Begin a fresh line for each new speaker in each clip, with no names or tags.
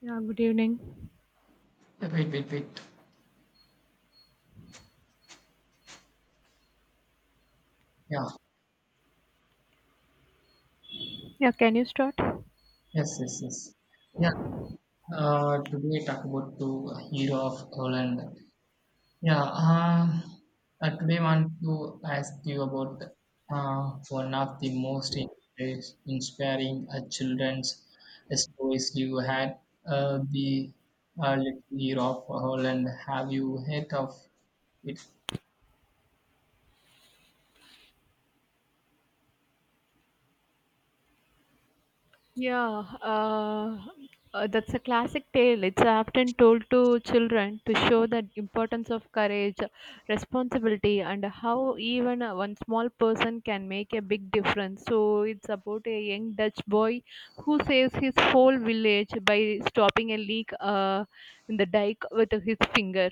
Yeah, good evening.
Wait, wait, wait. Yeah,
Yeah, can you start?
yes, yes, yes. Yeah, today talk about the hero of Holland. Yeah, I today want to ask you about one of the most inspiring children's stories you had, the Little Hero of Holland. Have you heard of it?
Yeah, that's a classic tale. It's often told to children to show the importance of courage, responsibility, and how even one small person can make a big difference. So it's about a young Dutch boy who saves his whole village by stopping a leak in the dike with his finger.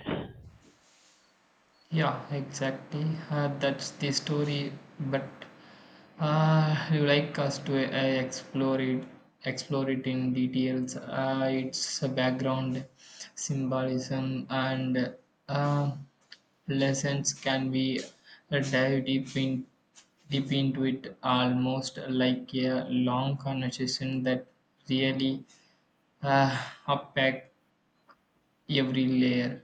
Yeah, exactly. That's the story, but you like us to explore it in details. Its background, symbolism, and uh, lessons can be dive deep in, deep into it, almost like a long conversation that really unpack every layer.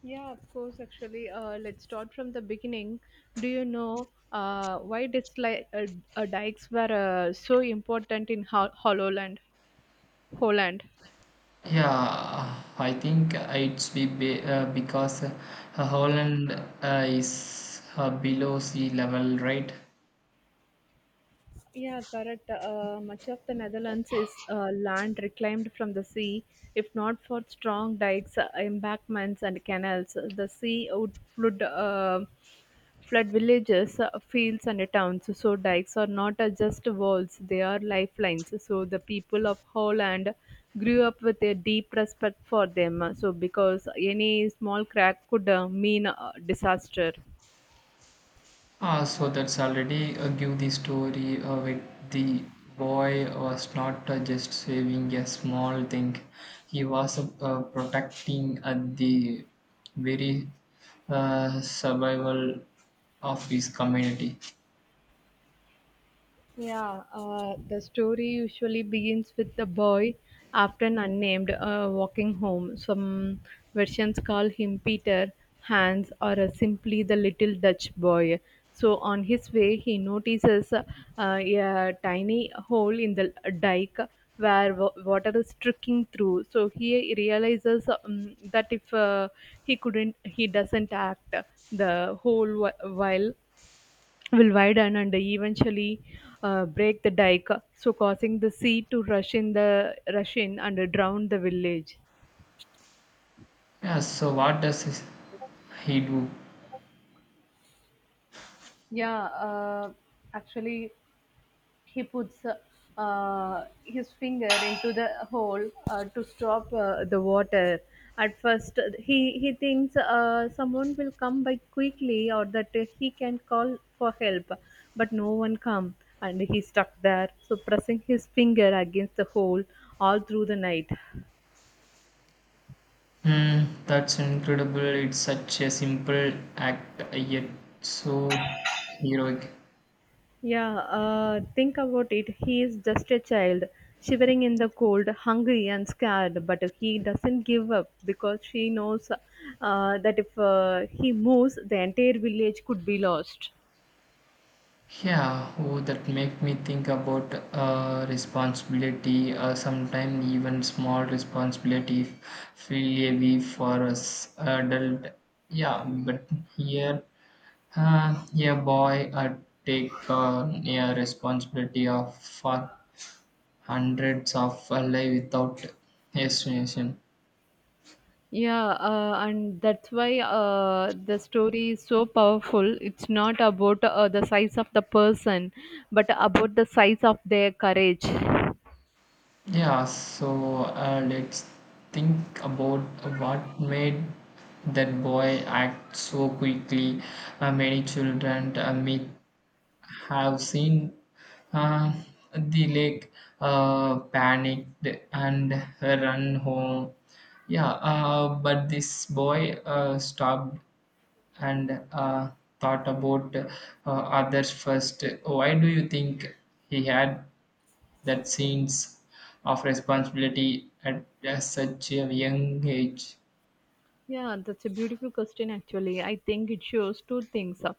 Yeah, of course. Actually, let's start from the beginning. Do you know why dikes were so important in Holland? Holland.
Yeah, I think it's because Holland is below sea level, right?
Yeah, correct. Much of the Netherlands is land reclaimed from the sea. If not for strong dikes, embankments, and canals, the sea would flood villages, fields, and towns. So, dikes are not just walls, they are lifelines. So, the people of Holland grew up with a deep respect for them. So, because any small crack could mean disaster.
Ah, so that's already give the story with the boy was not just saving a small thing. He was protecting at the very survival of his community.
Yeah, the story usually begins with the boy, often unnamed, walking home. Some versions call him Peter, Hans, or simply the little Dutch boy. So, on his way, he notices a tiny hole in the dike where water is trickling through. So, he realizes that if he doesn't act, the while will widen and eventually break the dike, so causing the sea to rush in and drown the village.
Yeah, so what does he do?
Yeah, actually, he puts his finger into the hole to stop the water. At first, he thinks someone will come by quickly or that he can call for help, but no one come, and he stuck there. So pressing his finger against the hole all through the night.
Hmm, that's incredible. It's such a simple act yet so heroic.
Yeah, think about it. He is just a child, shivering in the cold, hungry and scared, but he doesn't give up because she knows that if he moves, the entire village could be lost.
Yeah, oh, that make me think about responsibility. Sometimes even small responsibility feel heavy for us adult. Yeah, but here, yeah, boy, I take yeah, responsibility of for hundreds of life without hesitation.
Yeah, and that's why the story is so powerful. It's not about the size of the person, but about the size of their courage.
Yeah, so let's think about what made that boy act so quickly. Many children may have seen uh, the lake panicked and run home. Yeah, but this boy stopped and thought about others first. Why do you think he had that sense of responsibility at such a young age.
Yeah, that's a beautiful question, actually. I think it shows two things.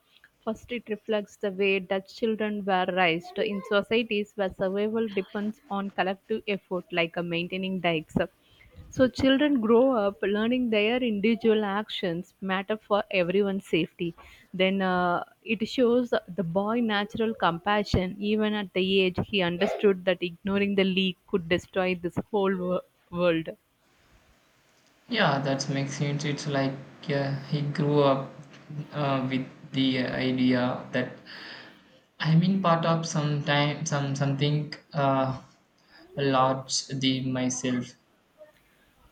First, it reflects the way Dutch children were raised in societies where survival depends on collective effort, like maintaining dikes. So, children grow up learning their individual actions matter for everyone's safety. Then, it shows the boy natural compassion. Even at the age he understood that ignoring the leak could destroy this world.
Yeah, that makes sense. It's like he grew up with the idea that I'm in part of some time, some something large the myself.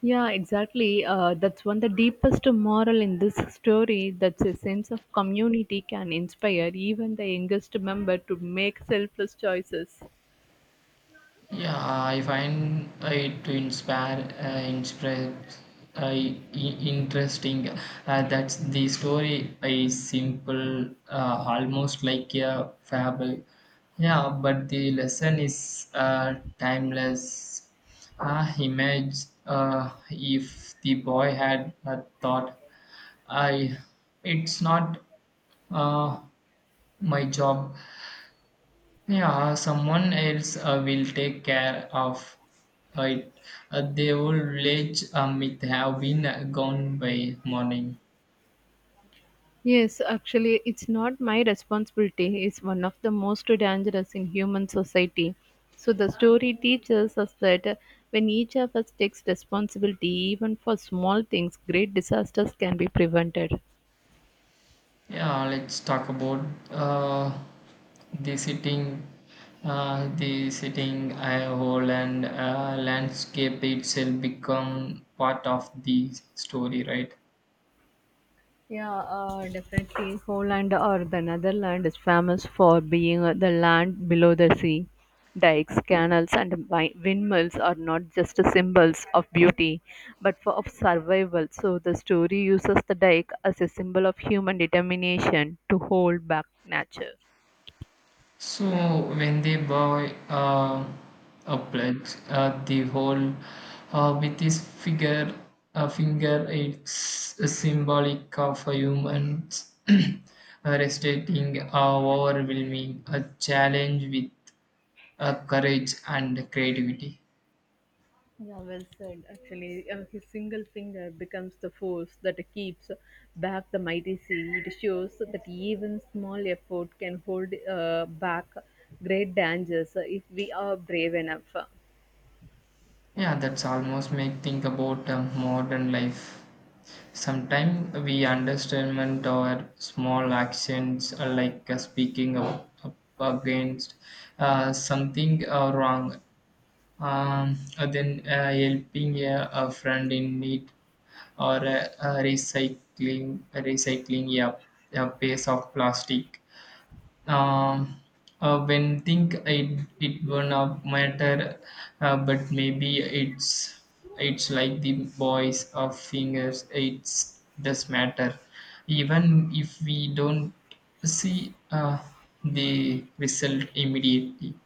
Yeah, exactly. That's one the deepest moral in this story. That's a sense of community can inspire even the youngest member to make selfless choices.
Yeah, I find it to inspire, inspire, uh, i- interesting. That's the story is simple, almost like a fable. Yeah, but the lesson is timeless. Image if the boy had a thought, I, it's not uh, my job yeah, someone else will take care of it. The old village myth have been gone by morning.
Yes, actually, it's not my responsibility. It's one of the most dangerous in human society. So the story teaches us that when each of us takes responsibility, even for small things, great disasters can be prevented.
Yeah, let's talk about the sitting, the sitting whole and landscape itself become part of the story, right?
Yeah, definitely. Holland or the Netherlands is famous for being the land below the sea. Dikes, canals, and windmills are not just symbols of beauty, but for of survival. So the story uses the dike as a symbol of human determination to hold back nature.
So when they buy a pledge, the whole with this figure, a finger, it's a symbolic of a humans restating our overwhelming a challenge with courage and creativity.
Yeah, well said. Actually, his single finger becomes the force that keeps back the mighty sea. It shows that even small effort can hold back great dangers if we are brave enough.
Yeah, that's almost make think about modern life. Sometimes we underestimate our small actions, like speaking up against something wrong, then helping a friend in need, or recycling a piece of plastic. Um, when think it will not matter, but maybe it's like the boys of fingers. It's does matter, even if we don't see the result immediately.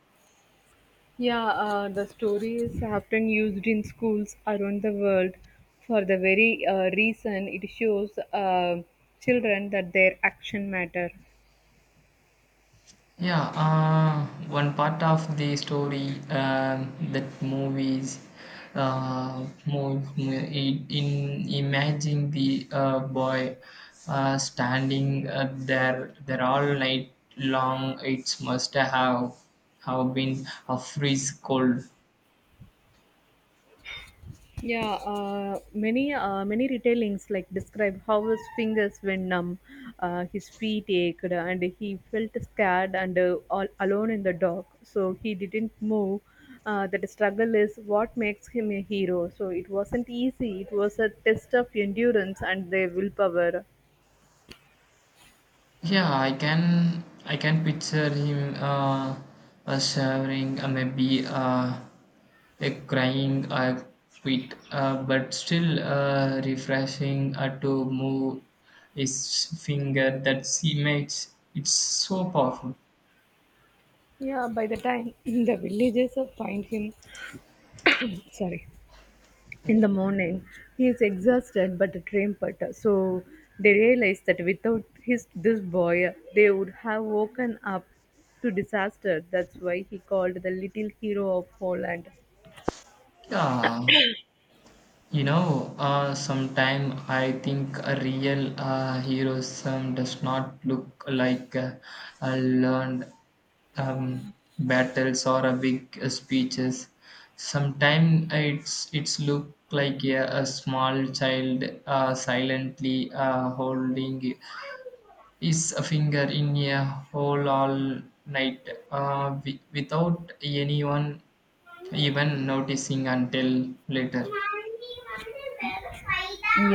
Yeah, the story is often used in schools around the world for the very reason it shows children that their action matter.
Yeah, one part of the story that movies in imagining the boy standing there there all night long. It must have been a freeze cold.
Yeah, many retellings like describe how his fingers were numb, his feet ached, and he felt scared and all alone in the dark. So he didn't move. That struggle is what makes him a hero. So it wasn't easy. It was a test of endurance and their willpower.
Yeah, I can picture him shivering, maybe A crying I quit, but still refreshing to move his finger that she makes. It's so powerful.
Yeah, by the time the villagers find him, sorry. In the morning, he is exhausted but a trumpeter. So they realize that without his this boy, they would have woken up to disaster. That's why he called the little hero of Holland.
Yeah, you know, sometime I think a real heroism does not look like a learned um, battles or a big speeches. Sometimes it's look like a small child silently holding his finger in a hole all night without anyone even noticing until later.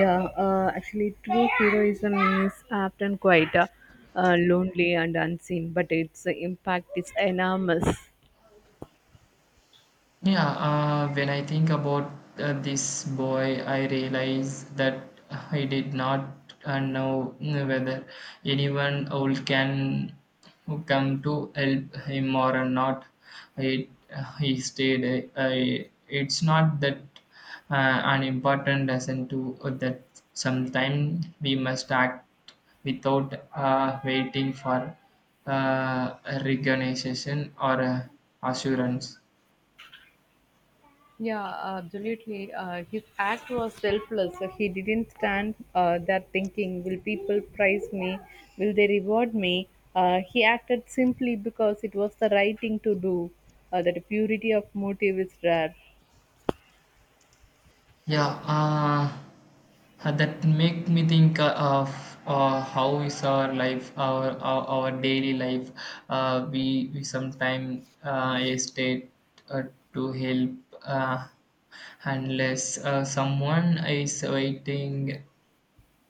Yeah, true heroism is often quite lonely and unseen, but its impact is enormous.
Yeah, when I think about this boy, I realize that I did not know whether anyone old can come to help him or not. It, he stayed. I, it's not that unimportant lesson to that sometimes we must act without waiting for uh, recognition or assurance.
Yeah, absolutely. His act was selfless. So he didn't stand there thinking, will people praise me? Will they reward me? He acted simply because it was the right thing to do. That purity of motive is rare.
Yeah, that make me think of how is our life, our daily life. We we sometimes hesitate to help uh, unless someone is waiting,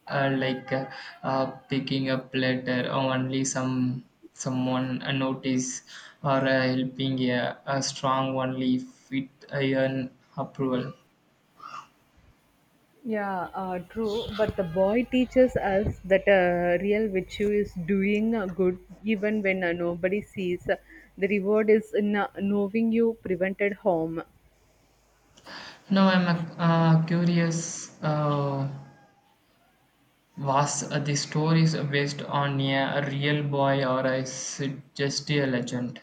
uh, like uh, uh, picking up letter, or only someone notice or helping a strong only if it earn approval.
Yeah, true. But the boy teaches us that real virtue is doing good even when nobody sees. The reward is in knowing you prevented harm.
Now I'm curious. Was the stories based on a real boy or is it just a legend?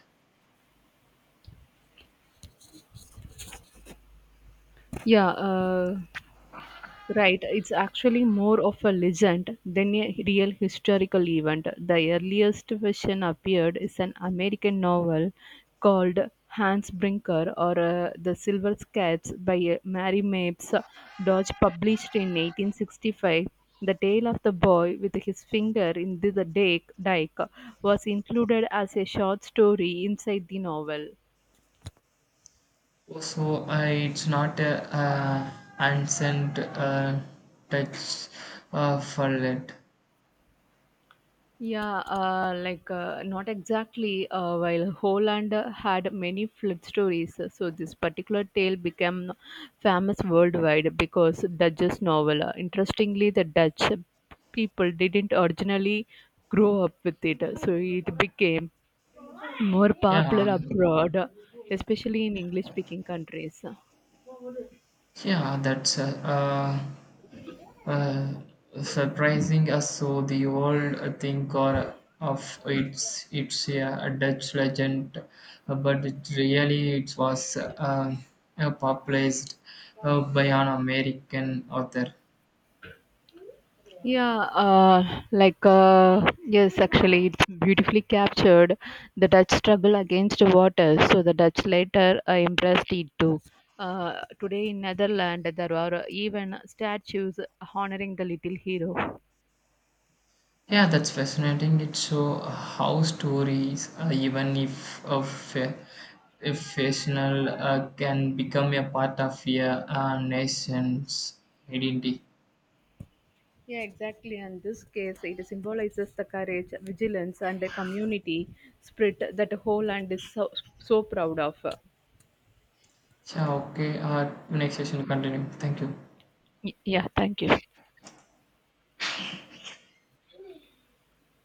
Yeah, uh, Right, it's actually more of a legend than a real historical event. The earliest version appeared is an American novel called Hans Brinker or The Silver Sketch by Mary Mapes Dodge, published in 1865. The tale of the boy with his finger in the dike was included as a short story inside the novel.
So it's not a ancient touch for it.
Yeah, not exactly. While Holland had many flood stories, so this particular tale became famous worldwide because Dutch's novel. Interestingly, the Dutch people didn't originally grow up with it, so it became more
Yeah,
popular abroad, especially in English-speaking countries.
yeah, that's Uh, surprising us so the old thing or of it's a Dutch legend, but it really it was popularized by an American author.
Yeah, it's beautifully captured the Dutch struggle against water. So the Dutch later embraced it too. Today in Netherlands, there are even statues honoring the little hero.
Yeah, that's fascinating. It shows how stories, even if of if fictional, can become a part of a nation's identity.
Yeah, exactly. And this case, it symbolizes the courage, vigilance, and the community spirit that Holland is so proud of.
Yeah, okay. Next session continue. Thank you.
Yeah, thank you.